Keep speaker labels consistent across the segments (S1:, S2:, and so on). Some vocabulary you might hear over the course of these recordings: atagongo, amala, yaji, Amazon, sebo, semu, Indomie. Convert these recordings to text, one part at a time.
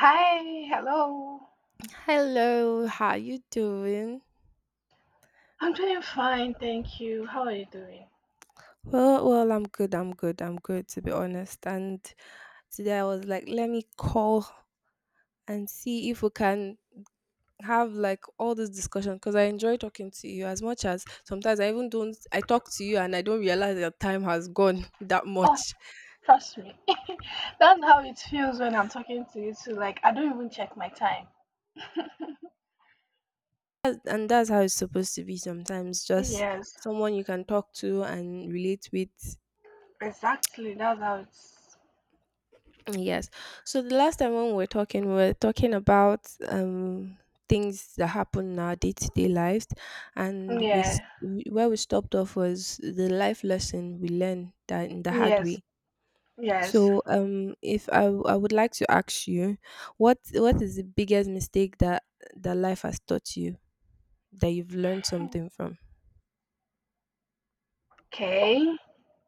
S1: Hi, hello.
S2: Hello, how you doing?
S1: I'm doing fine, thank you. How are you doing?
S2: Well, I'm good. I'm good to be honest. And today I was like, let me call and see if we can have like all this discussion because I enjoy talking to you as much as sometimes I even don't I talk to you and I don't realize that time has gone that
S1: Oh,
S2: much.
S1: trust me. That's how it feels when I'm talking to you too. Like I don't even check my time.
S2: And that's how it's supposed to be sometimes. Just
S1: Yes,
S2: someone you can talk to and relate with.
S1: exactly. That's how it's.
S2: Yes. So the last time when we were talking about things that happen in our day-to-day lives, and
S1: Yeah.
S2: where we stopped off was the life lesson we learned that in the hard way.
S1: Yes.
S2: So
S1: Yes.
S2: if I w- I would like to ask you, what is the biggest mistake that life has taught you that you've learned something from?
S1: Okay.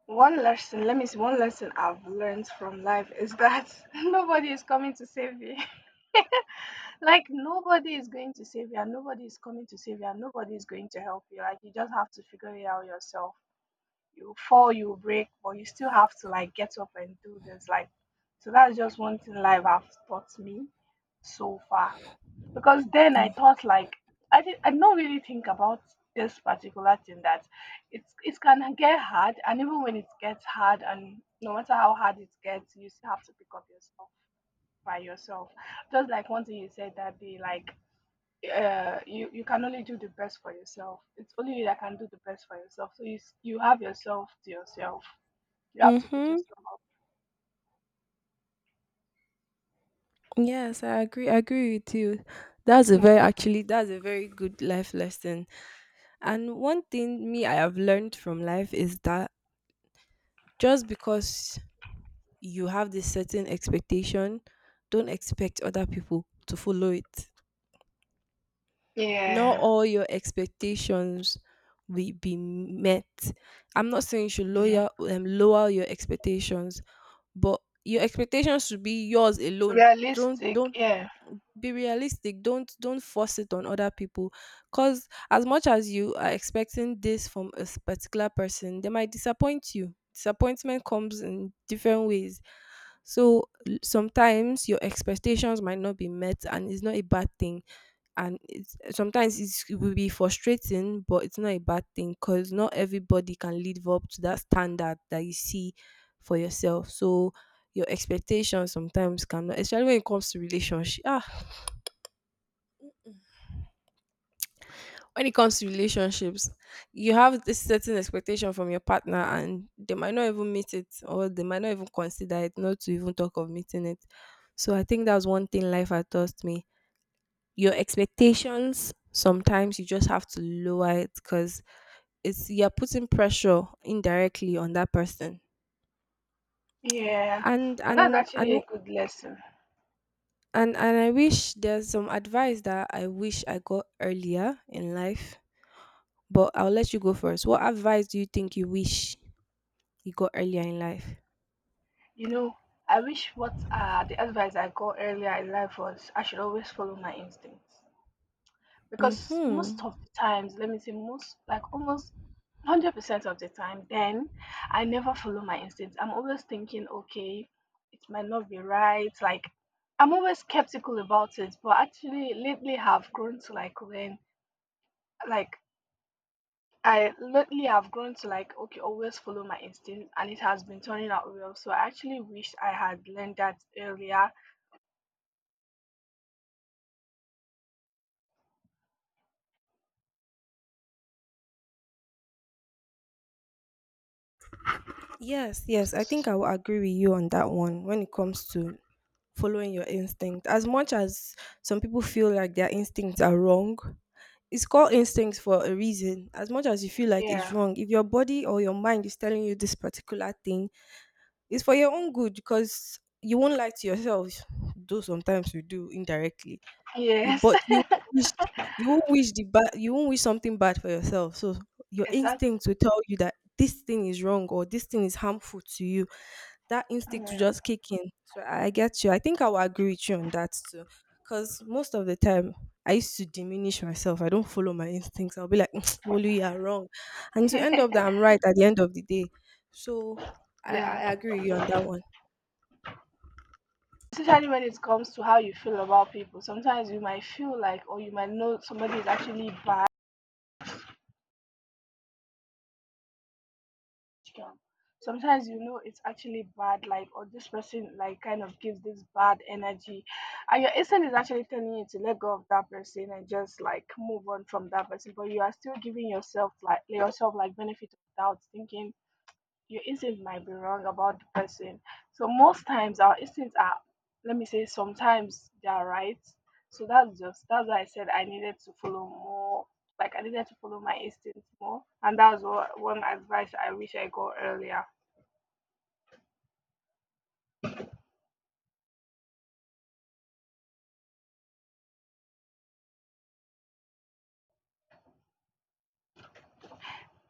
S1: One lesson, let me see, one lesson I've learned from life is that nobody is coming to save you. Like nobody is going to save you, and nobody is coming to save you, and nobody is going to help you. Like you just have to figure it out yourself. You fall, you break, but you still have to like get up and do this. Like, so that's just one thing life has taught me so far. Because then I thought like I don't really think about this particular thing, that it can get hard, and even when it gets hard and no matter how hard it gets, you still have to pick up yourself by yourself. Just like one thing you said that day, like you can only do the best for yourself. It's only you that can do the best for yourself. So you have yourself to yourself. You have to pick
S2: Mm-hmm.
S1: yourself up.
S2: Yes, I agree. I agree with you. That's a very
S1: Yeah.
S2: actually that's a very good life lesson. And one thing me I have learned from life is that just because you have this certain expectation, don't expect other people to follow it. Not
S1: Yeah.
S2: all your expectations will be met. I'm not saying you should
S1: Yeah.
S2: lower lower your expectations, but your expectations should be yours alone. Don't
S1: Realistic.
S2: don't
S1: Yeah.
S2: be realistic, don't force it on other people, because as much as you are expecting this from a particular person, they might disappoint you. Disappointment comes in different ways. So sometimes your expectations might not be met, and it's not a bad thing. Sometimes it will be frustrating, but it's not a bad thing because not everybody can live up to that standard that you see for yourself. So your expectations sometimes cannot, especially when it comes to relationship, when it comes to relationships, you have this certain expectation from your partner, and they might not even meet it, or they might not even consider it, not to even talk of meeting it. So I think that's one thing life has taught me. Your expectations sometimes you just have to lower it because it's you're putting pressure indirectly on that person.
S1: Yeah.
S2: And
S1: And that's
S2: and
S1: actually
S2: and
S1: a good lesson.
S2: and I wish there's some advice that I wish I got earlier in life. But I'll let you go first. What advice do you think you wish you got earlier in life?
S1: You know, I wish what the advice I got earlier in life was I should always follow my instincts. Because
S2: Mhm.
S1: most of the times, let me say, most, like almost 100% of the time, then I never follow my instincts. I'm always thinking, okay, it might not be right. Like, I'm always skeptical about it, but actually, lately, have grown to like learn like I lately have grown to like okay, always follow my instinct, and it has been turning out well. So I actually wish I had learned that earlier.
S2: Yes, yes, I think
S1: So,
S2: I will agree with you on that one when it comes to following your instinct. As much as some people feel like their instincts are wrong, it's called instincts for a reason. As much as you feel like it's
S1: yeah.
S2: wrong, if your body or your mind is telling you this particular thing, it's for your own good because you won't lie to yourself. Though sometimes we do indirectly. You
S1: Yes.
S2: but you wish you won't wish the bad you won't wish something bad for yourself. So your instinct will
S1: Exactly.
S2: tell you that this thing is wrong or this thing is harmful to you. That instinct will
S1: Yeah.
S2: just kick in. So I get you. I think I will agree with you on that too. Because most of the time I used to diminish myself. I don't follow my instincts. I'll be like, Bolu, you are wrong. And to end up that I'm right at the end of the day. So I
S1: Yeah.
S2: agree with you on that one.
S1: Especially when it comes to how you feel about people. Sometimes you might feel like, or you might know somebody is actually bad. Strong. Sometimes you know it's actually bad, like or this person like kind of gives this bad energy, and your instinct is actually telling you to let go of that person and just like move on from that person, but you are still giving yourself like benefit of doubt, thinking your instinct might be wrong about the person. So most times our instincts are, let me say, sometimes they are right. So that's just that's why I said I needed to follow more. Like I needed to follow my instincts more, and that's what one advice I wish I got earlier.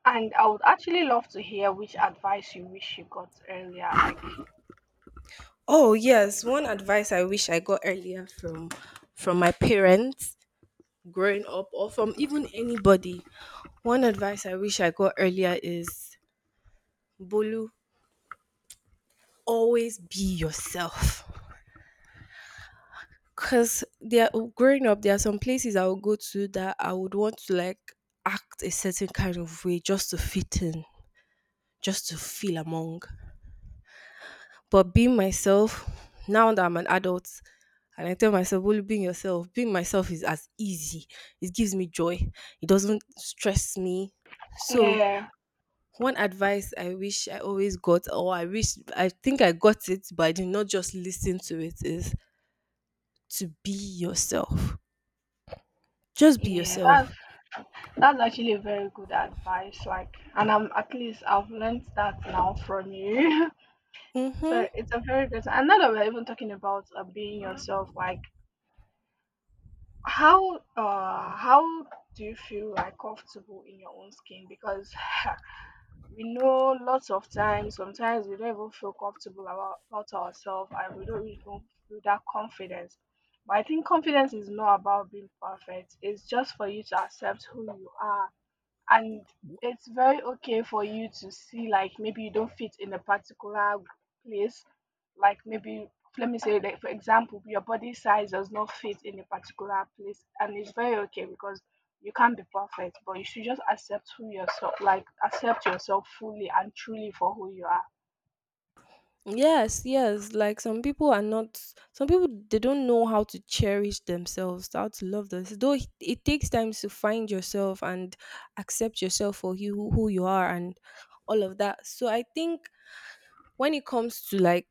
S1: And I would actually love to hear which advice you wish you got earlier. Like,
S2: Oh yes, one advice I wish I got earlier from my parents growing up or from even anybody, one advice I wish I got earlier is Bolu, always be yourself. Because there, growing up, there are some places I would go to that I would want to like act a certain kind of way just to fit in, just to feel among. But being myself, now that I'm an adult, and I tell myself, well, being yourself, being myself is as easy. It gives me joy. It doesn't stress me. So
S1: yeah,
S2: one advice I wish I always got, or I wish I think I got it, but I did not just listen to it, is to be yourself. Just be
S1: yeah, that's
S2: yourself.
S1: actually very good advice. Like, and I'm at least I've learned that now from you. So
S2: Mm-hmm.
S1: it's a very good. And now that we're even talking about being yourself, like how do you feel like comfortable in your own skin? Because we know lots of times, sometimes we don't even feel comfortable about ourselves, and we don't even feel that confidence. But I think confidence is not about being perfect. It's just for you to accept who you are, and it's very okay for you to see like maybe you don't fit in a particular place. Like maybe, let me say, like for example, your body size does not fit in a particular place, and it's very okay because you can't be perfect, but you should just accept who yourself, like accept yourself fully and truly for who you are.
S2: Yes, yes. Like some people they don't know how to cherish themselves, how to love themselves. Though it takes time to find yourself and accept yourself for you who you are and all of that. So I think when it comes to like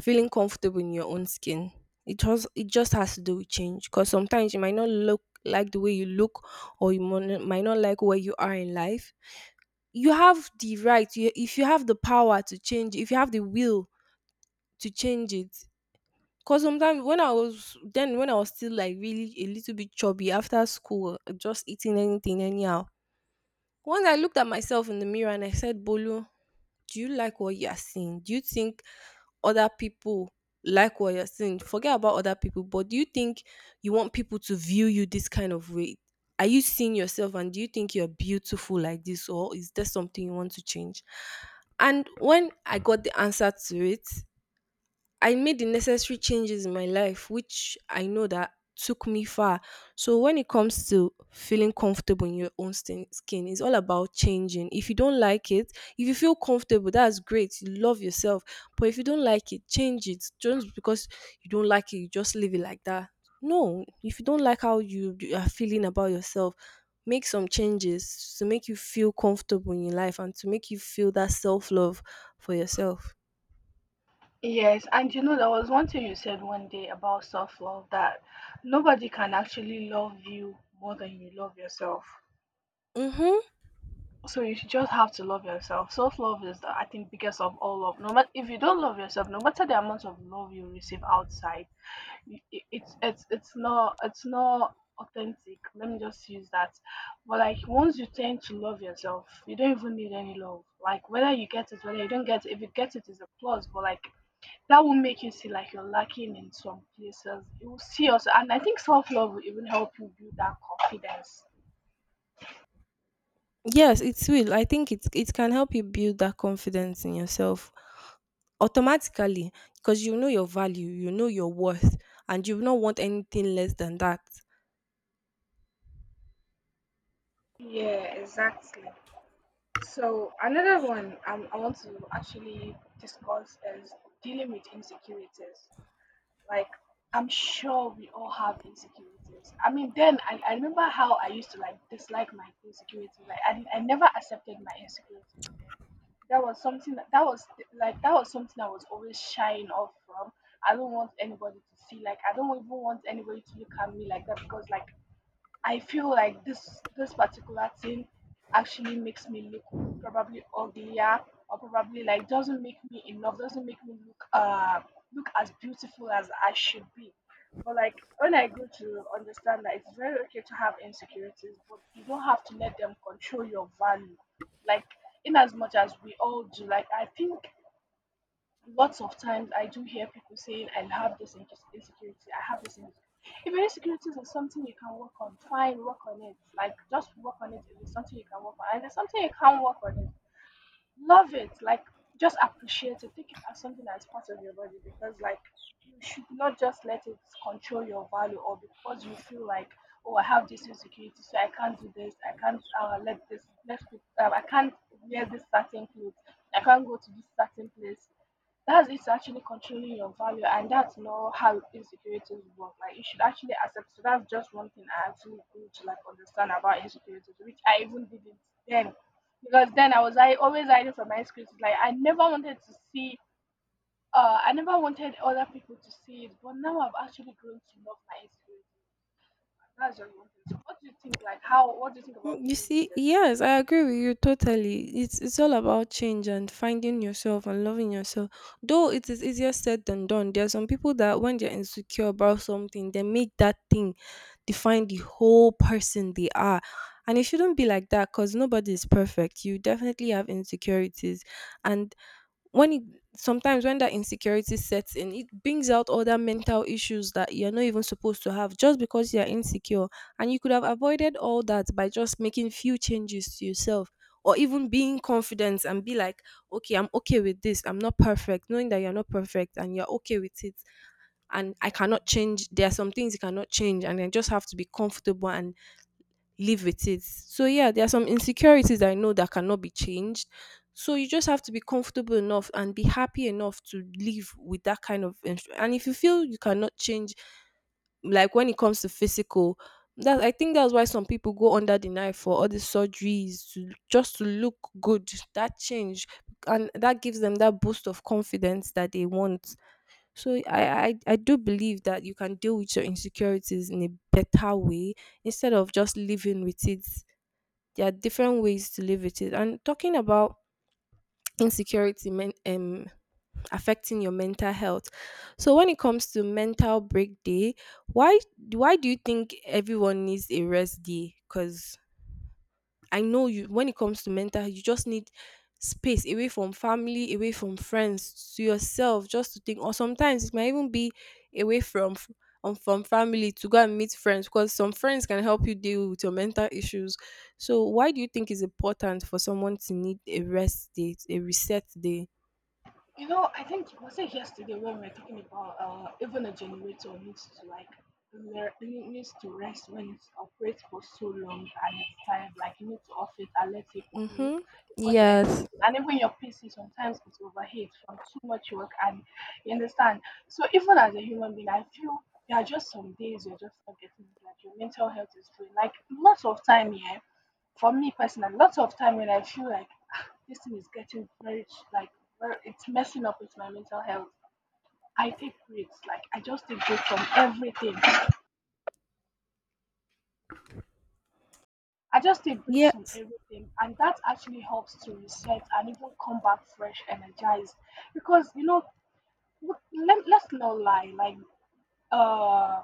S2: feeling comfortable in your own skin, it just has to do with change because sometimes you might not look like the way you look, or might not like where you are in life. You have the right you, If you have the power to change, if you have the will to change it. Because sometimes when I was then when I was still like really a little bit chubby after school just eating anything anyhow, once I looked at myself in the mirror and I said, Bolu, do you like what you are seeing? Do you think other people like what you're seeing? Forget about other people, but do you think you want people to view you this kind of way? Are you seeing yourself, and do you think you're beautiful like this, or is there something you want to change? And when I got the answer to it, I made the necessary changes in my life, which I know that took me far. So when it comes to feeling comfortable in your own skin, it's all about changing. If you don't like it, if you feel comfortable, that's great. You love yourself. But if you don't like it, change it. Just because you don't like it, you just leave it like that. No, if you don't like how you are feeling about yourself, make some changes to make you feel comfortable in your life and to make you feel that self love for yourself.
S1: Yes, and you know, there was one thing you said one day about self love, that nobody can actually love you more than you love yourself.
S2: Mm-hmm.
S1: So you should just have to love yourself. Self love is, the, I think, biggest of all love. No matter if you don't love yourself, no matter the amount of love you receive outside, it's not it's not authentic. Let me just use that. But like once you tend to love yourself, you don't even need any love. Like whether you get it, whether you don't get it, if you get it is a plus. But like that will make you see like you're lacking in some places. You will see also, and I think self love will even help you build that confidence.
S2: Yes, it will. I think it can help you build that confidence in yourself automatically because you know your value, you know your worth, and you will not want anything less than that.
S1: Yeah, exactly. So another one, I want to actually discuss is dealing with insecurities. Like I'm sure we all have insecurities. I mean, then I remember how I used to like dislike my insecurities. Like I never accepted my insecurities. Then that was something that was like that was something I was always shying off from. I don't want anybody to see. Like I don't even want anybody to look at me like that because like I feel like this particular thing actually makes me look probably uglier or probably like doesn't make me enough, doesn't make me look look as beautiful as I should be. But like when I go to understand that it's very okay to have insecurities, but you don't have to let them control your value. Like in as much as we all do, like I think lots of times I do hear people saying, I have this insecurity, I have this insecurity. If your insecurities is something you can work on, fine, work on it. Like, just work on it if it's something you can work on. And if it's something you can't work on it, love it. Like, just appreciate it. Take it as something that's part of your body because, like, you should not just let it control your value or because you feel like, oh, I have this insecurity, so I can't do this. I can't let this, let, I can't wear this certain clothes. I can't go to this certain place. That's, it's actually controlling your value, and that's not how insecurities work. Like you should actually accept. So that's just one thing I actually grew to like understand about insecurities, which I even didn't then, because then I always hiding from my insecurities. Like I never wanted to see I never wanted other people to see it, but now I've actually grown to love my insecurities, and that's just one thing. So what do you think, like how, what do you think
S2: Mm.
S1: about
S2: You
S1: dealing with
S2: see,
S1: it?
S2: yes, I agree with you totally. It's all about change and finding yourself and loving yourself. Though it is easier said than done. There are some people that when they're insecure about something, they make that thing define the whole person they are. And it shouldn't be like that because nobody is perfect. You definitely have insecurities. And when it sometimes when that insecurity sets in, it brings out other mental issues that you're not even supposed to have just because you're insecure, and you could have avoided all that by just making few changes to yourself or even being confident and be like, okay, I'm okay with this, I'm not perfect. Knowing that you're not perfect and you're okay with it, and I cannot change. There are some things you cannot change, and I just have to be comfortable and live with it. So yeah, there are some insecurities that I know that cannot be changed. So you just have to be comfortable enough and be happy enough to live with that kind of and if you feel you cannot change, like when it comes to physical, that I think that's why some people go under the knife for all the surgeries to, just to look good, that change, and that gives them that boost of confidence that they want. So I do believe that you can deal with your insecurities in a better way instead of just living with it. There are different ways to live with it. And talking about insecurity men, affecting your mental health. So when it comes to mental break day, why why do you think everyone needs a rest day? Because I know you, when it comes to mental health, you just need space away from family, away from friends, to yourself, just to think. Or sometimes it might even be away from from family to go and meet friends because some friends can help you deal with your mental issues. So why do you think it's important for someone to need a rest day, a reset day?
S1: You know, I think was it yesterday when we were talking about even a generator needs to like it needs to rest when it operates for so long and it's tired. Like you need to off it and let it cool
S2: Mm-hmm.
S1: before you anything.
S2: Yes.
S1: And even your PC sometimes it overheats from too much work, and you understand. So even as a human being, I feel there are just some days you're just not getting it, like your mental health is doing. Like lots of time here, for me personally, lots of time when I feel like this thing is getting very like very, it's messing up with my mental health. I take breaks, like I just take breaks from everything. I just take breaks from
S2: Yes.
S1: everything, and that actually helps to reset and even come back fresh, energized. Because you know, let, let's not lie, like uh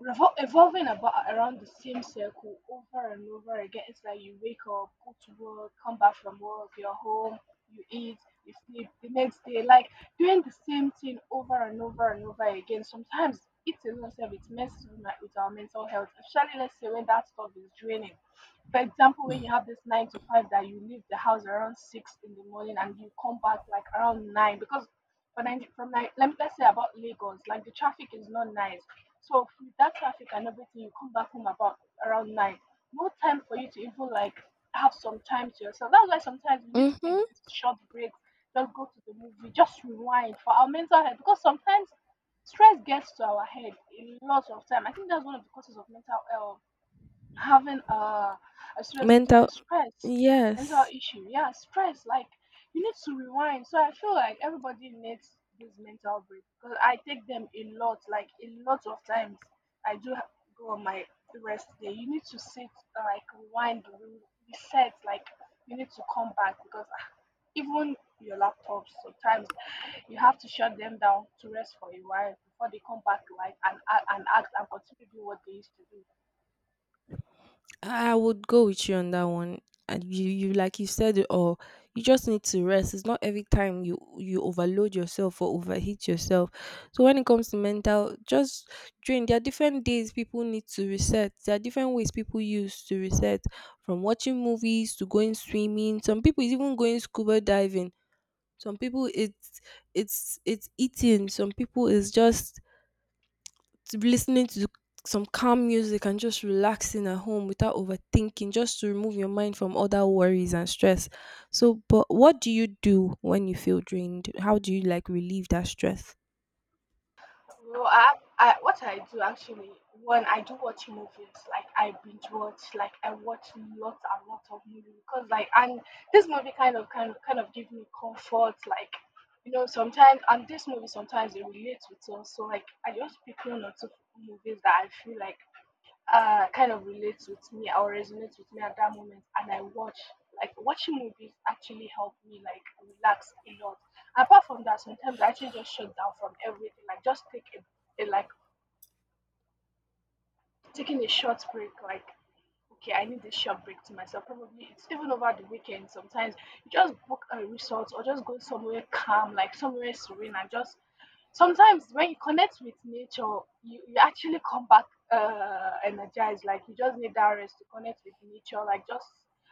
S1: evolving about around the same circle over and over again. It's like you wake up, go to work, come back from work, you're home, you eat, you sleep the next day, like doing the same thing over and over and over again. Sometimes it alone self it messes with, my, with our mental health, especially let's say when that stuff is draining. For example, when you have this 9 to 5 that you leave the house around 6 in the morning and you come back like around 9 because for Nigeria, from 9, let me let's say about Lagos, like the traffic is not nice. So with that traffic and everything, you come back home about around 9. No time for you to even like have some time to yourself. That's why sometimes we need to take
S2: Mm-hmm.
S1: these short breaks, just go to the movie, just rewind for our mental health because sometimes stress gets to our head a lot of time. I think that's one of the causes of mental health having as well as mental
S2: Mental.
S1: health stress mental
S2: Yes.
S1: issue, yeah, stress like you need to rewind. So I feel like everybody needs this mental break because I take them a lot, like a lot of times. I do go on my rest day. You need to sit, like rewind reset, like you need to come back because even your laptops sometimes you have to shut them down to rest for a while before they come back, like and act and continue doing what they used to do.
S2: I would go with you on that one. And you like you said it all. You just need to rest. It's not every time you overload yourself or overheat yourself. So when it comes to mental, just drain. There are different days people need to reset. There are different ways people use to reset, from watching movies to going swimming. Some people is even going scuba diving. Some people it's it's eating. Some people is just to be listening to some calm music and just relaxing at home without overthinking, just to remove your mind from other worries and stress. So, but what do you do when you feel drained? How do you like relieve that stress?
S1: Well, I, what I do actually when I do watch movies, like I binge watch, like I watch lots and lots of movies because like, and this movie kind of give me comfort, like you know sometimes, and this movie sometimes it relates with us, so like I just pick one or two movies that I feel like kind of relates with me or resonates with me at that moment, and I watch, like watching movies actually help me like relax a lot. Apart from that, sometimes I actually just shut down from everything. Like just take a like taking a short break. Like okay, I need this short break to myself. Probably it's even over the weekend. Sometimes you just book a resort or just go somewhere calm, like somewhere serene, and just sometimes when you connect with nature, you actually come back energized. Like you just need that rest to connect with nature. Like just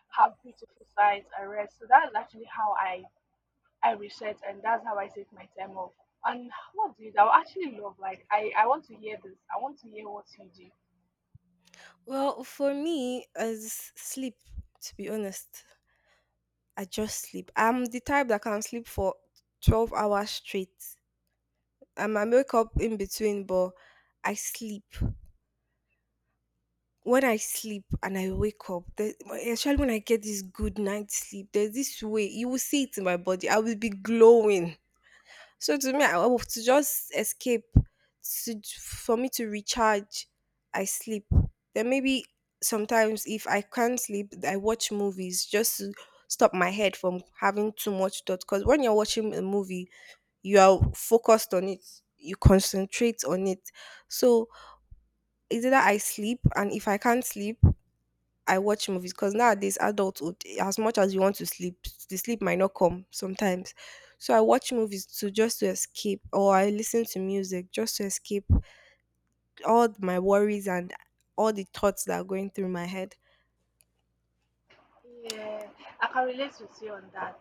S1: have beautiful sights and rest. So that's actually how I reset, and that's how I take my time off. And what do you? I would actually love. Like I want to hear this. I want to hear what you do.
S2: Well, for me, as sleep, to be honest, I just sleep. I'm the type that can sleep for 12 hours straight. I might wake up in between, but I sleep. When I sleep and I wake up, the, especially when I get this good night sleep, there's this way you will see it in my body. I will be glowing. So to me, I will to just escape to, for me to recharge. I sleep. Then maybe sometimes if I can't sleep, I watch movies just to stop my head from having too much thought. Because when you're watching a movie, you are focused on it. You concentrate on it. So is either I sleep, and if I can't sleep. I watch movies because nowadays adulthood, as much as you want to sleep, the sleep might not come sometimes. So I watch movies to just to escape, or I listen to music just to escape all my worries and all the thoughts that are going through my head.
S1: Yeah, I can relate with you on that.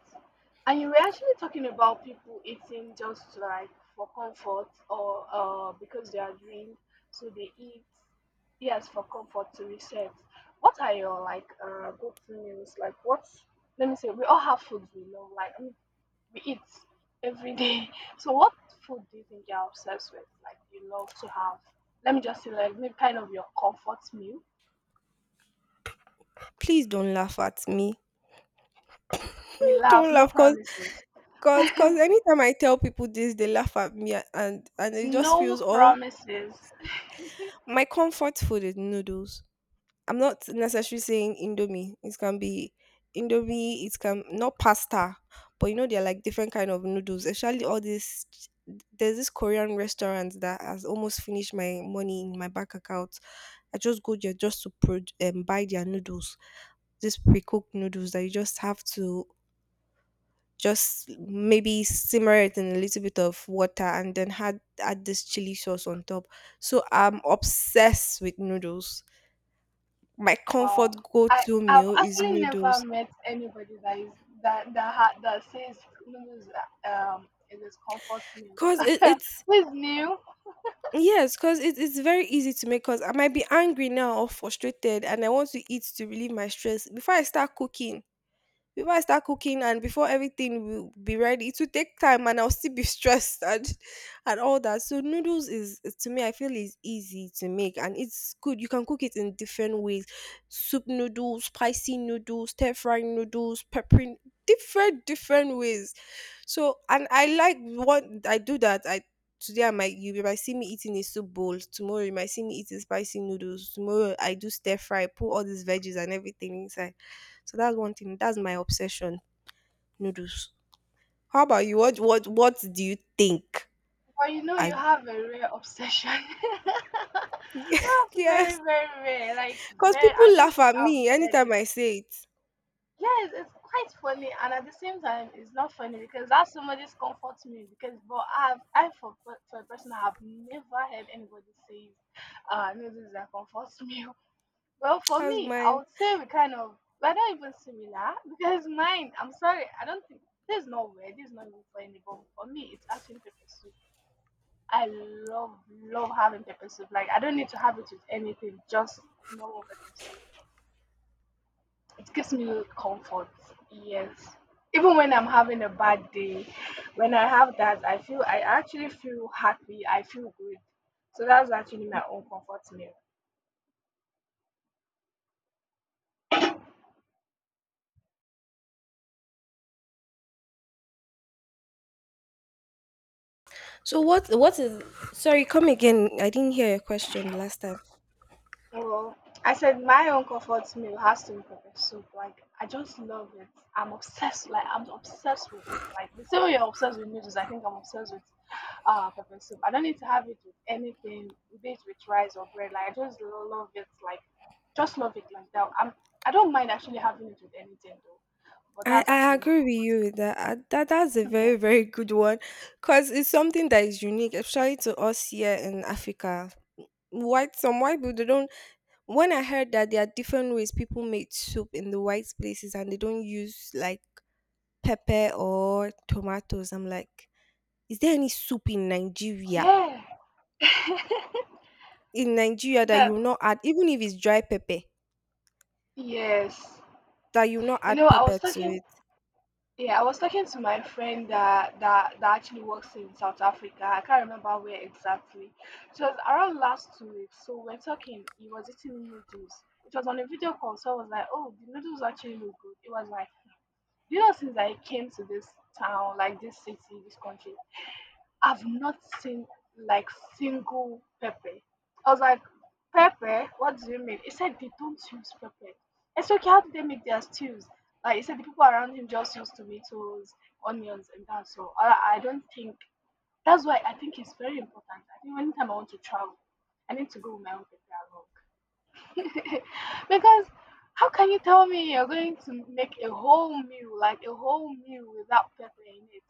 S1: And you were actually talking about people eating just like for comfort or because they are drained, so they eat, yes, for comfort to reset. What are your like go-to meals? Like what? Let me say we all have foods we love. Like I mean, we eat every day. So what food do you think you're obsessed with? Like you love to have? Let me just say like maybe kind of your comfort meal.
S2: Please don't laugh at me.
S1: We laugh,
S2: Don't
S1: no
S2: laugh, cause,
S1: promises.
S2: cause, cause anytime I tell people this, they laugh at me, and it just
S1: No
S2: feels all.
S1: promises.
S2: My comfort food is noodles. I'm not necessarily saying Indomie. It can be Indomie. It can not pasta, but you know they're like different kind of noodles. Actually, there's this Korean restaurant that has almost finished my money in my bank account. I just go there just to buy their noodles, this pre-cooked noodles that you just have to just maybe simmer it in a little bit of water and then had add this chili sauce on top. So I'm obsessed with noodles. My comfort
S1: Wow. I
S2: go-to
S1: I've
S2: meal is
S1: actually never
S2: noodles.
S1: met anybody that is that says Lulu's it is comfort meal.
S2: Cause it, it's
S1: It's new,
S2: yes, cause it's very easy to make. Cause I might be angry now or frustrated, and I want to eat to relieve my stress. Before I start cooking, and before everything will be ready, it will take time, and I'll still be stressed and all that. So noodles is to me, I feel is easy to make, and it's good. You can cook it in different ways: soup noodles, spicy noodles, stir frying noodles, pepper different ways. So and I like what I do that I today I might you might see me eating a soup bowl. Tomorrow you might see me eating spicy noodles. Tomorrow I do stir fry, put all these veggies and everything inside. So that's one thing. That's my obsession. Noodles. How about you? What do you think?
S1: but you know
S2: I
S1: you have a rare obsession. That's very,
S2: yes.
S1: very rare. Like
S2: Because
S1: rare. I
S2: people
S1: don't
S2: laugh
S1: think
S2: at
S1: I've
S2: me
S1: read
S2: anytime
S1: it.
S2: I say it.
S1: Yes, it's quite funny, and at the same time, it's not funny because that's somebody's comfort me. Because, but I've, I for a person, I have never heard anybody say, No, this is a comfort meal." Well, for
S2: That's
S1: me, I
S2: mine.
S1: would say we kind of we're not even similar because mine. I'm sorry, I don't think there's no way. This is not even for anyone. For me, it's actually pepper soup. I love, love having pepper soup. Like I don't need to have it with anything. Just normal pepper soup, it gives me comfort. Yes. Even when I'm having a bad day, when I have that, I feel, I actually feel happy. I feel good. So that's actually my own comfort meal.
S2: So what is sorry, come again. I didn't hear your question last time.
S1: Well, I said my own comfort meal has to be pepper soup. Like I just love it. I'm obsessed. Like I'm obsessed with it. Like the same way you're obsessed with noodles, I think I'm obsessed with, ah, pepper soup. I don't need to have it with anything, be it with rice or bread. Like I just love it, like just love it like that. I'm, I don't mind actually having it with anything though, but
S2: I,
S1: that's
S2: I
S1: actually my
S2: agree with
S1: comfort.
S2: you with that. That's a
S1: Yeah,
S2: very very good one, cause it's something that is unique, especially to us here in Africa. White some white people they don't. When I heard that there are different ways people make soup in the white places and they don't use like pepper or tomatoes, I'm like, is there any soup in Nigeria?
S1: yeah,
S2: In Nigeria that you
S1: that,
S2: will not add, even if it's dry pepper,
S1: yes.
S2: that you will not
S1: You
S2: add
S1: know, I was
S2: pepper to
S1: talking,
S2: it.
S1: yeah, I was talking to my friend that, that actually works in South Africa. I can't remember where exactly. It was around last 2 weeks. So we're talking. He was eating noodles. It was on a video call. So I was like, "Oh, the noodles actually look good." It was like, "Do you know since I came to this town, like this city, this country, I've not seen like single pepper. I was like, pepper? What do you mean?" He said they don't use pepper. I said, okay, how do they make their stews? Like he said, the people around him just use tomatoes, onions, and that. So I don't think that's why I think it's very important. I think anytime I want to travel, I need to go with my own pepper along. Because how can you tell me you're going to make a whole meal, like a whole meal without pepper in it?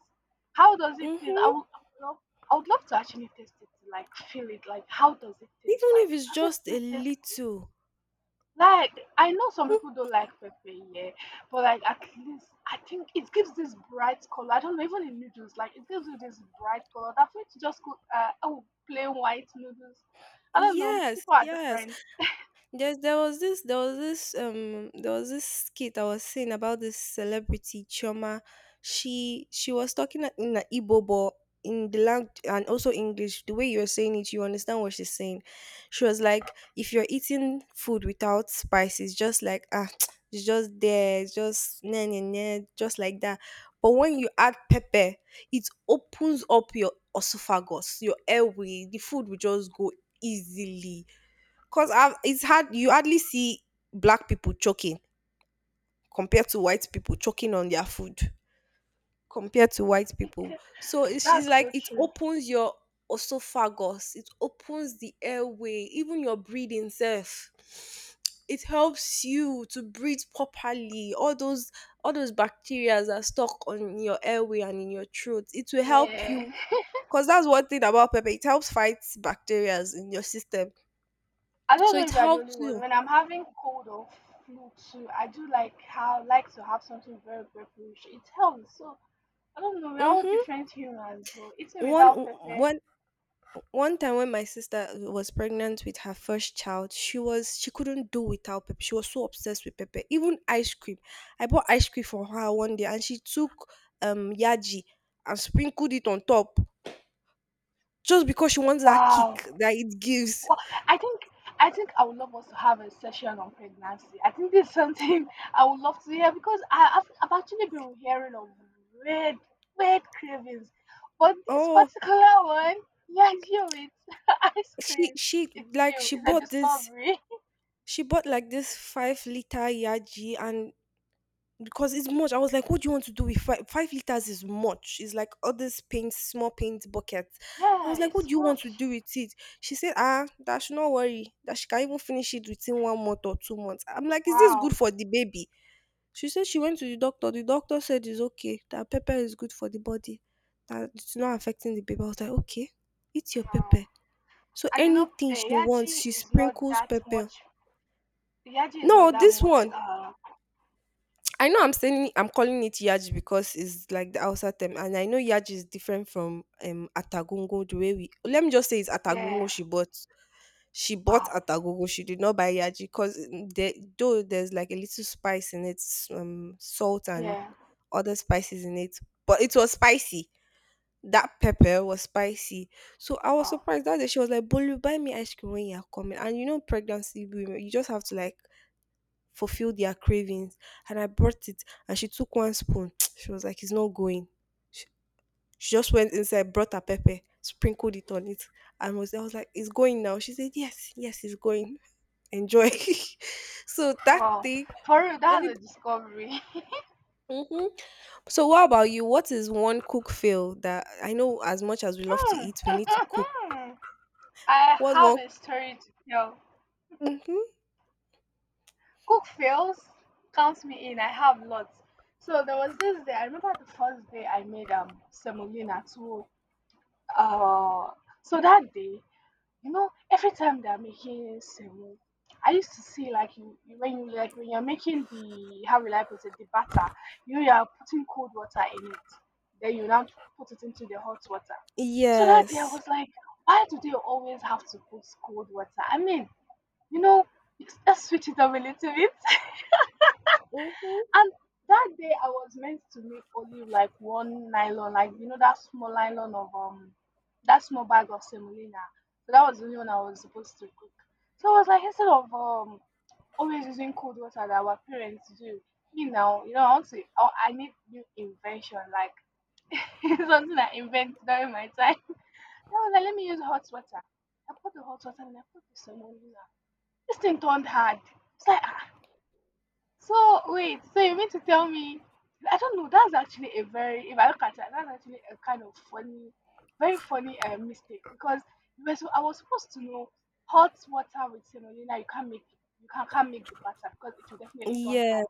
S1: How does it taste?
S2: Mm-hmm.
S1: I would love to actually taste it, to, like feel it. Like how does it taste?
S2: Even
S1: Like
S2: if it's
S1: does it
S2: just a
S1: still taste good?
S2: little.
S1: Like I know some
S2: Mm.
S1: people don't like pepper, yeah, but like at least I think it gives this bright color. I don't know, even in noodles, like it gives you this bright color. That for you to just cook, plain white noodles. I don't know.
S2: Yes,
S1: People are
S2: yes.
S1: different.
S2: There's there was this there was this there was this skit I was seeing about this celebrity Choma. She was talking in a Igbo but in the language and also English. The way you're saying it, you understand what she's saying. She was like, if you're eating food without spices, just like ah, it's just there, it's just nah, nah, nah, just like that. But when you add pepper, it opens up your esophagus, your airway. The food will just go easily. It's hard. You hardly see black people choking compared to white people choking on their food compared to white people. So it's, she's
S1: That's
S2: like
S1: so
S2: it
S1: true.
S2: opens your esophagus. It opens the airway, even your breathing self. It helps you to breathe properly. All those bacteria are stuck on your airway and in your throat. It will help
S1: Yeah,
S2: you because that's one thing about pepper. It helps fight bacteria in your system.
S1: I don't
S2: So
S1: know
S2: it
S1: if you're the only
S2: helps
S1: one.
S2: you.
S1: When I'm having cold or flu too, I do like how like to have something very pepperish. It helps. So I don't know. We're all
S2: hmm
S1: different humans, but eating
S2: one
S1: without pepper,
S2: one one time when my sister was pregnant with her first child, she was she couldn't do without pepper. She was so obsessed with pepper, even ice cream. I bought ice cream for her one day and she took yaji and sprinkled it on top, just because she wants that
S1: wow.
S2: kick that it gives.
S1: Well, I think, I think I would love us to have a session on pregnancy. I think this is something I would love to hear because I've actually been hearing of weird, weird cravings, but this
S2: Oh,
S1: particular one, yeah, you it ice
S2: she
S1: cream.
S2: she
S1: It's new.
S2: she
S1: It's a
S2: bought this,
S1: discovery.
S2: she bought like this 5 liter yaji, and because it's much. I was like, what do you want to do with five, 5 liters? Is much. It's like all this paint, small paint buckets. I
S1: Yeah,
S2: was like, what do
S1: it's
S2: you want to
S1: much.
S2: do with it? She said, ah, that should not worry. That she can even finish it within 1 month or 2 months. I'm like, is this good
S1: Wow,
S2: for the baby? She said she went to the doctor. The doctor said it's okay. That pepper is good for the body. That it's not affecting the baby. I was like, okay, eat your
S1: wow.
S2: pepper. So
S1: And you know,
S2: anything
S1: eh,
S2: she wants,
S1: Yaji
S2: she
S1: is not
S2: sprinkles
S1: that
S2: pepper.
S1: much. Yaji is
S2: No,
S1: not that
S2: this
S1: much.
S2: one I know I'm saying, I'm calling it yaji because it's like the Hausa term, and I know yaji is different from atagongo the way we. Let me just say it's atagongo
S1: Yeah.
S2: she bought. She bought
S1: Wow.
S2: atagongo. She did not buy yaji because there, though there's like a little spice in it, salt and
S1: Yeah.
S2: other spices in it, but it was spicy. That pepper was spicy, so I was
S1: Wow.
S2: surprised that day. She was like, "Bolu, buy me ice cream when you're coming." And you know, pregnancy women, you just have to like fulfill their cravings. And I brought it and she took one spoon. She was like, it's not going. She, she just went inside, brought her pepper, sprinkled it on it. And was, I was like, it's going now. She said, yes, yes, it's going. Enjoy. So that
S1: Wow.
S2: thing,
S1: For real, that's
S2: every,
S1: a discovery.
S2: hmm, so what about you? What is one cook fail that I know as much as we love to
S1: Hmm.
S2: eat, we need to cook?
S1: I
S2: What's
S1: have
S2: one?
S1: a story to tell.
S2: Hmm.
S1: Cook fails. Counts me in. I have lots. So there was this day. I remember the first day I made semolina too. Uh, so that day you know, every time they're making semo, I used to see like when you like when you're making the, how will I put it, the batter, you are putting cold water in it, then you now put it into the hot water. So that day I
S2: Yes.
S1: was like, why do they always have to put cold water? I mean, you know, let's switch it up a little bit.
S2: Hmm.
S1: And that day I was meant to make only like one nylon, like you know that small nylon of that small bag of semolina. So that was the only one I was supposed to cook. So I was like, instead of always using cold water that our parents do, you know, I want to I need new invention, like something I invent during my time. So I was like, let me use hot water. I put the hot water and I put the semolina. This thing turned hard. It's like, ah, so wait, so you mean to tell me? I don't know. That's actually a very, if I look at it, that's actually a kind of funny, very funny mistake because you were so, I was supposed to know hot water with semolina. You can't make, you can't make the batter because it will definitely turn
S2: Yes.
S1: hard,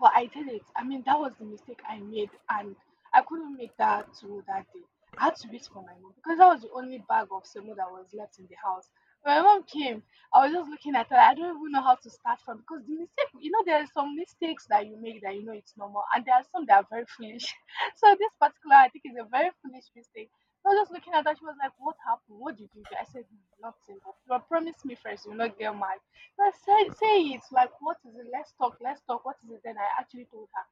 S1: but I did it. I mean, that was the mistake I made, and I couldn't make that tool that day. I had to wait for my mom because that was the only bag of semo that was left in the house. When my mom came, I was just looking at her. I don't even know how to start from because the mistake, you know, there are some mistakes that you make that you know it's normal, and there are some that are very foolish. So this particular, I think, is a very foolish mistake. I was just looking at her. She was like, "What happened? What did you do?" I said, "Hmm, nothing, but you promise me first, you will not get mad." I say, say it, like what is it? Let's talk, let's talk. What is it? Then I actually told her.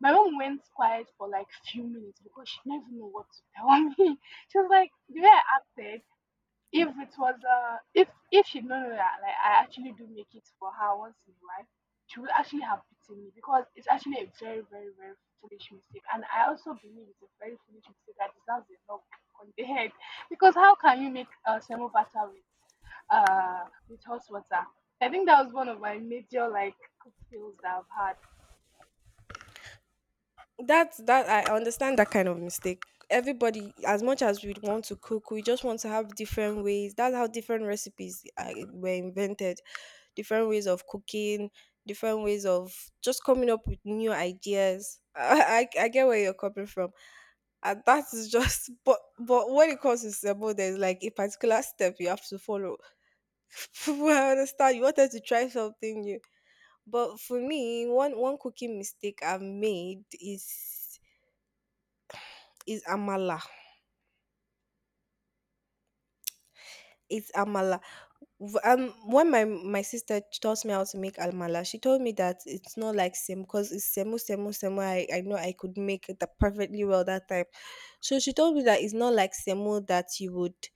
S1: My mom went quiet for like few minutes because she didn't even know what to tell me. She was like, the way I acted, if it was if she'd known that like I actually do make it for her once in a while, she would actually have beaten me because it's actually a very, very, very foolish mistake. And I also believe it's a very foolish mistake that deserves a knock on the head. Because how can you make a semo batter with hot water? I think that was one of my major like cook fails that I've
S2: That's that I understand that kind of mistake. Everybody, as much as we want to cook, we just want to have different ways. That's how different recipes were invented. Different ways of cooking, different ways of just coming up with new ideas. I get where you're coming from. And that is just but when it comes to sebo there's like a particular step you have to follow. I understand you wanted to try something new, but for me one cooking mistake I've made is amala. It's amala. When my sister taught me how to make amala, she told me that it's not like same because it's semu. I know I could make it that perfectly well that time, so she told me that it's not like semu that you would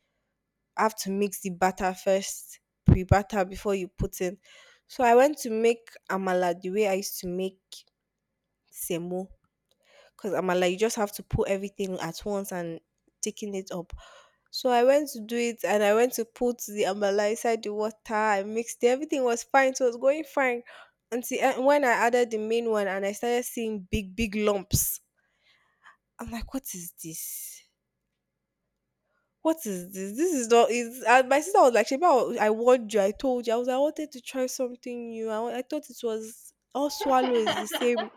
S2: have to mix the batter first, pre batter before you put in. So I went to make amala the way I used to make semu because amala you just have to put everything at once and taking it up. So I went to do it and I went to put the amala inside the water. I mixed it. Everything was fine. So it was going fine. Until when I added the main one and I started seeing big, big lumps. I'm like, what is this? What is this? This is not. Is and my sister was like, Sheba, I warned you. I told you. I was like, I wanted to try something new. I thought it was all swallow is
S1: had.
S2: the same.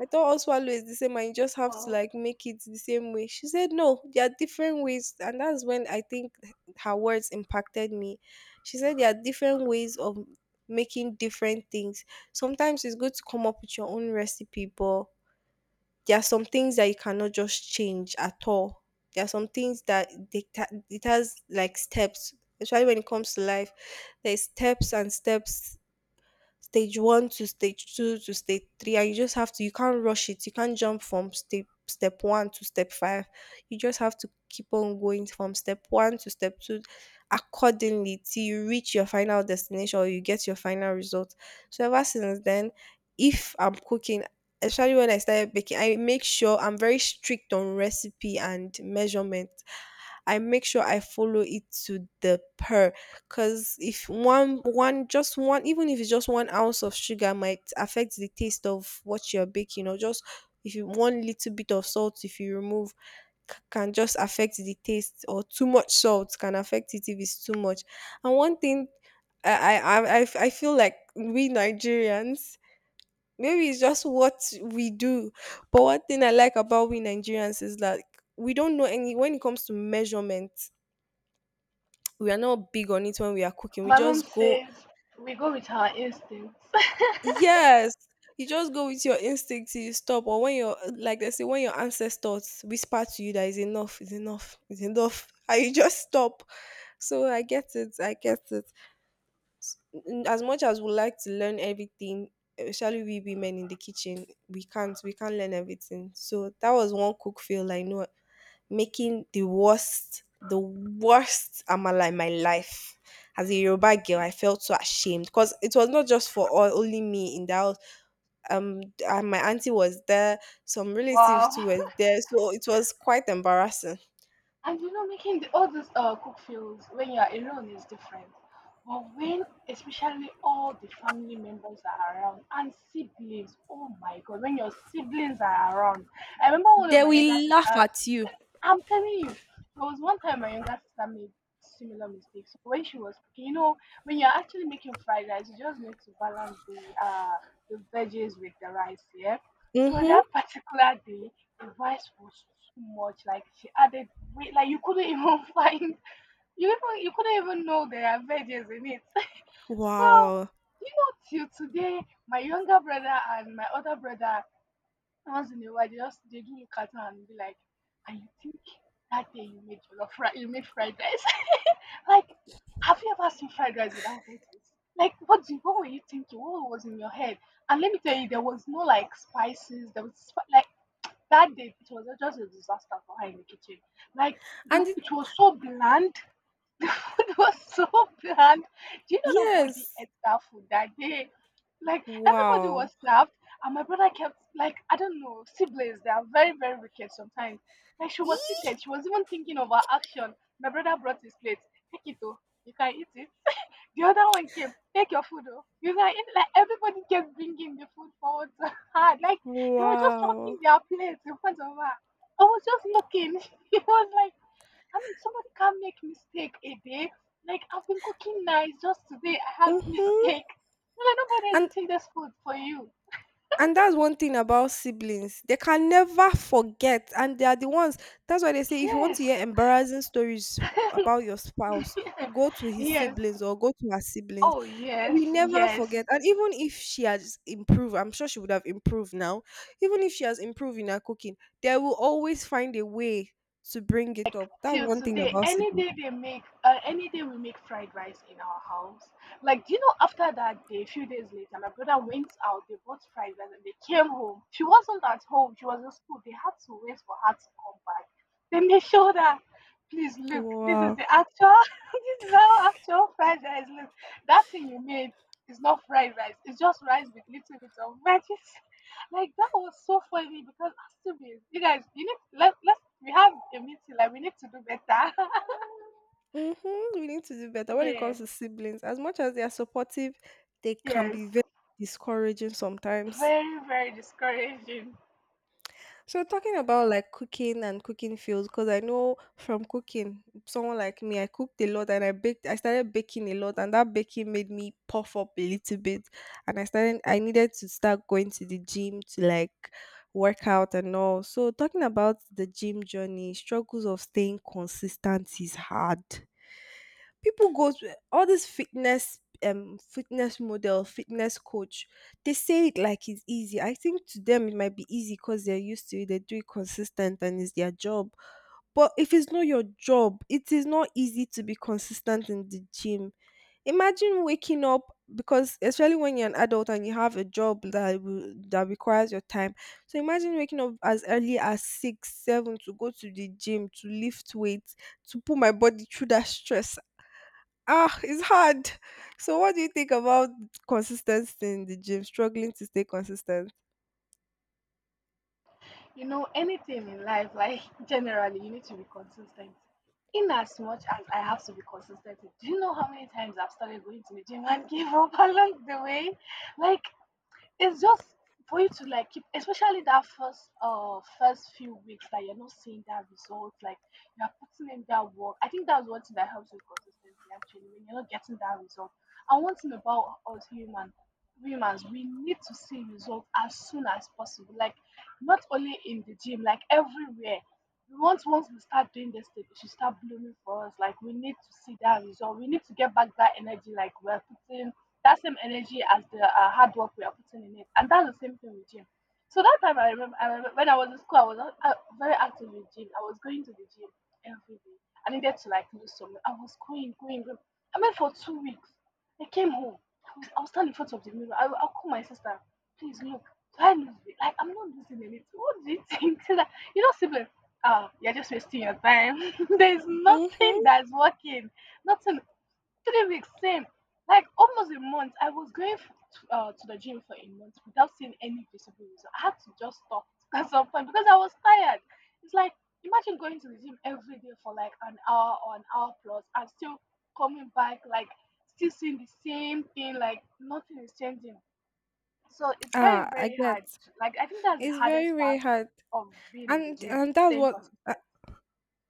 S2: I thought all swallow is the same and you just have to
S1: Wow.
S2: like make it the same way. She said, no, there are different ways. And that's when I think her words impacted me. She said, there are different ways of making different things. Sometimes it's good to come up with your own recipe, but there are some things that you cannot just change at all. There are some things that it has like steps, especially when it comes to life. There's steps and steps, stage one to stage two to stage three, and you just have to you can't rush it. You can't jump from step one to step five. You just have to keep on going from step one to step two accordingly till you reach your final destination or you get your final result. So ever since then, if I'm cooking, especially when I started baking, I make sure I'm very strict on recipe and measurement. I make sure I follow it to the per. Because if one, one, just one, even if it's just 1 ounce of sugar might affect the taste of what you're baking, or just if you one little bit of salt, if you remove, c- can just affect the taste, or too much salt can affect it if it's too much. And one thing I feel like we Nigerians, maybe it's just what we do, but one thing I like about we Nigerians is that we don't know any, when it comes to measurement, we are not big on it when we are cooking. We
S1: My mom
S2: just go.
S1: says we go with our instincts.
S2: Yes, you just go with your instinct till you stop, or when your, like they say, when your ancestors whisper to you that is enough, is enough, is enough, and you just stop. So I get it, I get it. N- As much as we like to learn everything, especially we women in the kitchen, we can't learn everything. So that was one cook fail I know, making the worst amala in my life. As a Yoruba girl, I felt so ashamed because it was not just for all, only me in the house, um and my auntie was there, some relatives
S1: Wow.
S2: too were there, so it was quite embarrassing.
S1: And you know, making the, all these cook feels when you are alone is different. But when, especially all the family members are around and siblings, oh my God, when your siblings are around. I remember one of
S2: They
S1: my younger
S2: will laugh
S1: sisters.
S2: at you.
S1: I'm telling you, there was one time my younger sister made similar mistakes. So when she was cooking, you know, when you're actually making fried rice, you just need to balance uh the veggies with the rice, yeah. So
S2: Mm-hmm.
S1: that particular day, the rice was too much. Like she added weight, like you couldn't even find you couldn't even know there are veggies in it. So
S2: Wow.
S1: you know, till today, my younger brother and my other brother, once in a while, they do look at her and be like, "And you think that day you made jollof rice? You made fried rice? Like, have you ever seen fried rice without veggies? Like, what were you thinking? What was in your head? And let me tell you, there was no like spices. Like that day, it was just a disaster for her in the kitchen. Like,
S2: And it,
S1: it was so bland. The food was so bland. Do you know nobody
S2: yes.
S1: ate that food that day? Like everybody
S2: Wow.
S1: was served, and my brother kept, like, I don't know, siblings. They are very, very wicked sometimes. Like she was
S2: Ee!
S1: seated, she was even thinking of her action. My brother brought his plate. Take it, though, you can eat it. The other one came. Take your food, though, you can eat. Like everybody kept bringing the food forward to her. Like they were just dropping
S2: Wow.
S1: their plates in front of her. I was just looking. It was like, I mean, somebody can make mistake a day. Like I've been cooking nice, just today I have a
S2: Mm-hmm.
S1: mistake. Well, nobody is
S2: And
S1: eating this food for you.
S2: and that's one thing about siblings, they can never forget, and they are the ones. That's why they say if you want to
S1: Yes,
S2: hear embarrassing stories about your spouse, go to his
S1: yes.
S2: siblings or go to her siblings.
S1: Oh
S2: They will
S1: yes,
S2: never forget,
S1: yes.
S2: and even if she has improved, I'm sure she would have improved now, even if she has improved in her cooking, they will always find a way to bring it up. That's
S1: Till
S2: one thing
S1: today,
S2: about
S1: any
S2: siblings.
S1: day they make any day we make fried rice in our house. Like, do you know, after that day, a few days later, my brother went out, they bought fried rice and they came home. She wasn't at home, she was in school. They had to wait for her to come back. Then they showed her, "Please look, this is
S2: Wow.
S1: the actual this is how actual fried rice look. That thing you made is not fried rice, it's just rice with little bit of veggies." Like that was so funny because Astubis, you guys, you need, let's we have a meeting. Like we need to do better.
S2: Mhm, we need to do better when it
S1: Yeah.
S2: comes to siblings. As much as they are supportive, they can
S1: Yes.
S2: be very discouraging sometimes.
S1: Very, very discouraging.
S2: So talking about like cooking and cooking fields, because I know from cooking, someone like me, I cooked a lot and I baked. I started baking a lot, and that baking made me puff up a little bit, and I started. I needed to start going to the gym to like work out and all. So talking about the gym journey, struggles of staying consistent is hard. People go to all this fitness, fitness model, fitness coach. They say it like it's easy. I think to them it might be easy because they're used to it, they do it consistent, and it's their job. But if it's not your job, it is not easy to be consistent in the gym. Imagine waking up, because especially when you're an adult and you have a job that requires your time. So imagine waking up as early as six, seven to go to the gym to lift weights, to put my body through that stress. Ah, it's hard. So, what do you think about consistency in the gym? Struggling to stay consistent.
S1: You know, anything in life, like, generally, you need to be consistent. In as much as I have to be consistent, do you know how many times I've started going to the gym and give up along the way? Like, it's just for you to like keep, especially that first first few weeks that you're not seeing that result, like you are putting in that work. I think that's one thing that helps with consistency actually when you're not getting that result. And one thing about us humans, we need to see results as soon as possible. Like, not only in the gym, like everywhere. We want, once we start doing this thing, it should start blooming for us. Like, we need to see that result. We need to get back that energy like we're putting that same energy as the hard work we are putting in it. And that's the same thing with gym. So that time I remember when I was in school, I was very active with gym. I was going to the gym every day. I needed to like lose some. I was going. I went for 2 weeks. I came home. I was, standing in front of the mirror. I called my sister. Please look. Do I lose weight? Like I'm not losing anything. What do you think? She's like, you know, sibling. Ah, you're just wasting your time. There's nothing
S2: Mm-hmm.
S1: that's working. Nothing. 3 weeks same, like almost a month I was going to the gym for a month without seeing any visible result. I had to just stop at some point because I was tired. It's like, imagine going to the gym every day for like an hour or an hour plus and still coming back like still seeing the same thing, like nothing is changing. So it's very,
S2: Ah, I
S1: very hard
S2: get.
S1: to, like, I think that's the
S2: It's very,
S1: hardest
S2: very
S1: part
S2: hard,
S1: of being in the
S2: and
S1: gym
S2: and that's
S1: staying
S2: what. Uh,
S1: consistent.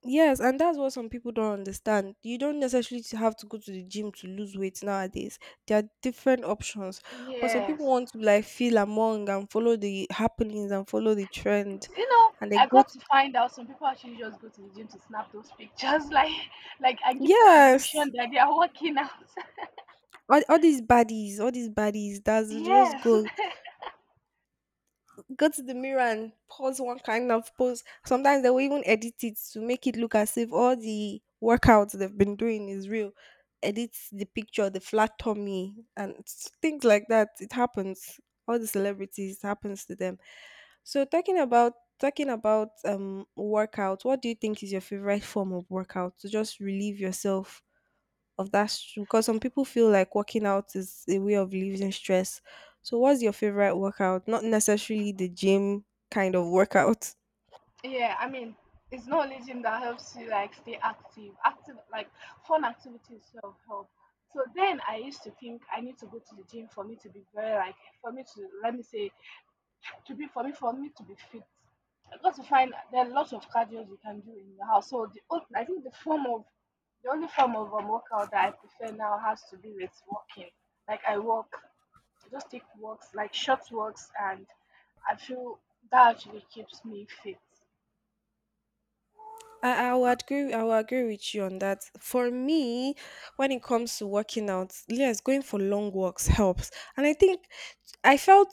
S2: yes, and that's what some people don't understand. You don't necessarily to have to go to the gym to lose weight nowadays. There are different options, but some people
S1: Yes,
S2: want to like feel among and follow the happenings and follow the trend,
S1: you know,
S2: and they
S1: I
S2: go.
S1: got
S2: To,
S1: to find out some people actually just go to the gym to snap those pictures, like and give the
S2: yes,
S1: illusion that they are working out.
S2: all these bodies, all these bodies. That's, they just
S1: Yes,
S2: go to the mirror and pose one kind of pose. Sometimes they will even edit it to make it look as if all the workouts they've been doing is real. Edit the picture, the flat tummy, and s- things like that. It happens. All the celebrities, it happens to them. So talking about, workout, what do you think is your favorite form of workout to just relieve yourself of that str- because some people feel like working out is a way of relieving stress. So what's your favorite workout? Not necessarily the gym kind of workout.
S1: yeah. I mean, it's not only gym that helps you like stay active, like fun activities, self help. So then I used to think I need to go to the gym for me to be very like, for me to, let me say, to be, for me to be fit. I got to find there are lots of cardio you can do in your house. So I think the only form of workout that I prefer now has to be with walking. Like I walk, I just take walks, like short walks, and I feel that actually keeps me fit.
S2: I will agree with you on that. For me, when it comes to working out, yes, going for long walks helps. And I think I felt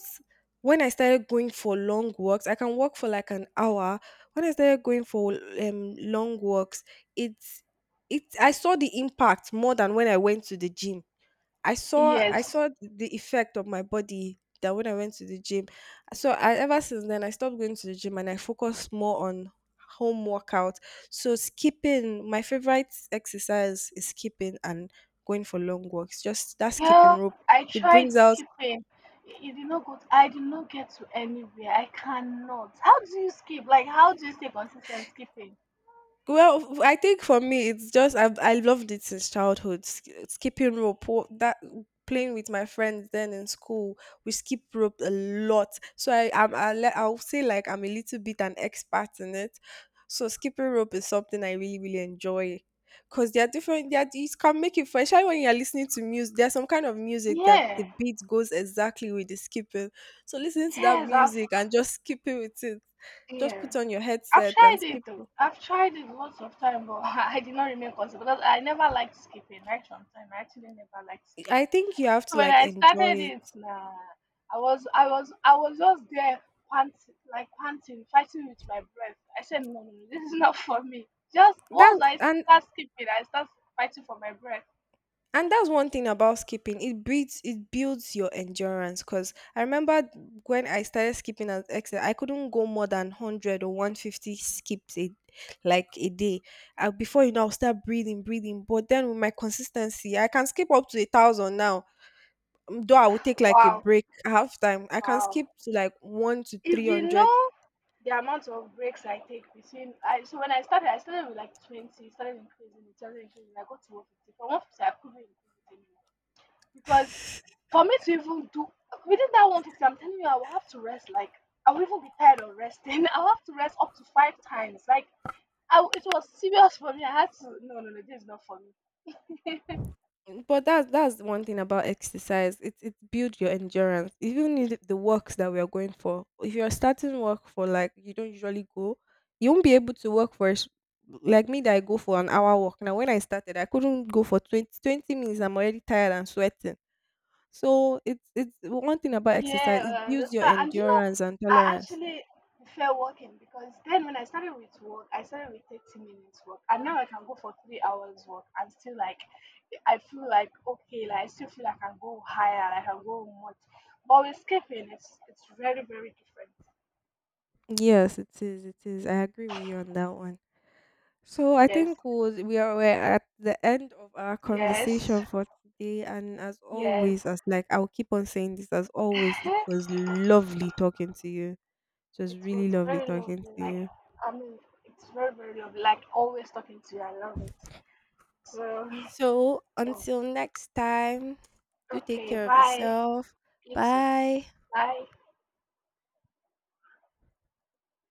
S2: when I started going for long walks, I can walk for like an hour. When I started going for long walks, it's, it I saw the impact more than when I went to the gym. I saw I
S1: Yes,
S2: saw the effect of my body that when I went to the gym. So I ever since then I stopped going to the gym and I focused more on home workout. So skipping, my favorite exercise is skipping and going for long walks. Just that skipping
S1: yeah,
S2: rope.
S1: I
S2: It
S1: tried
S2: brings out.
S1: skipping. It did not go, I did not get to anywhere, I cannot, how do you skip, like how do you stay consistent skipping?
S2: Well, I think for me, it's just I loved it since childhood. Sk- Skipping rope, wo- that, playing with my friends then in school, we skip rope a lot. So I'll say like I'm a little bit an expert in it. So skipping rope is something I really really enjoy. Cause there are different, there are, it can make it fun. Especially when you're listening to music, there's some kind of music that the
S1: Yeah.
S2: beat goes exactly with the skipping. So listening to that
S1: Yes, I've
S2: music and just skipping with it, just
S1: Yeah.
S2: put on your
S1: I've
S2: headset and
S1: tried it
S2: skip.
S1: though. I've tried it lots of time, but I did not remain consistent because I never liked skipping. Right from time, I actually never liked
S2: I
S1: skipping.
S2: think you have
S1: So
S2: to
S1: when
S2: like
S1: I
S2: enjoy
S1: started
S2: it.
S1: it, nah, I was just there panting, like panting, fighting with my breath. I said, no, no, no, this is not for me. Just
S2: That
S1: once I
S2: and
S1: start skipping, I start fighting for my breath.
S2: and that's one thing about skipping. It builds your endurance. Cause I remember when I started skipping as exercise, I couldn't go more than 100 or 150 skips a, like a day. Before you know, I'll start breathing, breathing. But then with my consistency, I can skip up to 1,000 now. Though I will take like a
S1: Wow,
S2: break half time. I can
S1: wow.
S2: skip to like one to
S1: If
S2: three
S1: you
S2: hundred
S1: know the amount of breaks I take between. I, so when I started with like 20, started increasing it, started increasing. I got to 150. From 150, I couldn't really increase it anymore. Because for me to even do within that 150, I'm telling you, I will have to rest like, I will even be tired of resting. I'll have to rest up to 5 times. Like it was serious for me. I had to, no, no, no, this is not for me.
S2: Mm, but that's one thing about exercise. It builds your endurance. Even in the walks that we are going for, if you're starting work for, like, you don't usually go, you won't be able to work for s- like me that I go for an hour walk. Now when I started, I couldn't go for 20, 20 minutes. I'm already tired and sweating. So it's one thing about
S1: Yeah,
S2: exercise. It
S1: I
S2: builds your
S1: understand. And you know,
S2: endurance and
S1: I
S2: tolerance.
S1: actually prefer walking because then when I started with work, I started with 30 minutes work, and now I can go for 3 hours work and still like, I feel like, okay, like I still feel like I can go higher, like I can go much. But with skipping, it's very, very different.
S2: Yes, it is. It is. I agree with you on that one. So I
S1: Yes,
S2: think we'll- we are we're at the end of our
S1: yes,
S2: conversation for today, and as
S1: yes.
S2: always, as like I'll keep on saying this, as always, it was lovely talking to you. It was
S1: It was
S2: really lovely
S1: very
S2: talking
S1: lovely.
S2: to
S1: Like,
S2: you.
S1: I mean, it's very, very lovely. Like, always talking to you, I love it. So
S2: So until next time, do take
S1: okay,
S2: care of
S1: bye.
S2: yourself.
S1: You too.
S2: Bye.
S1: Bye.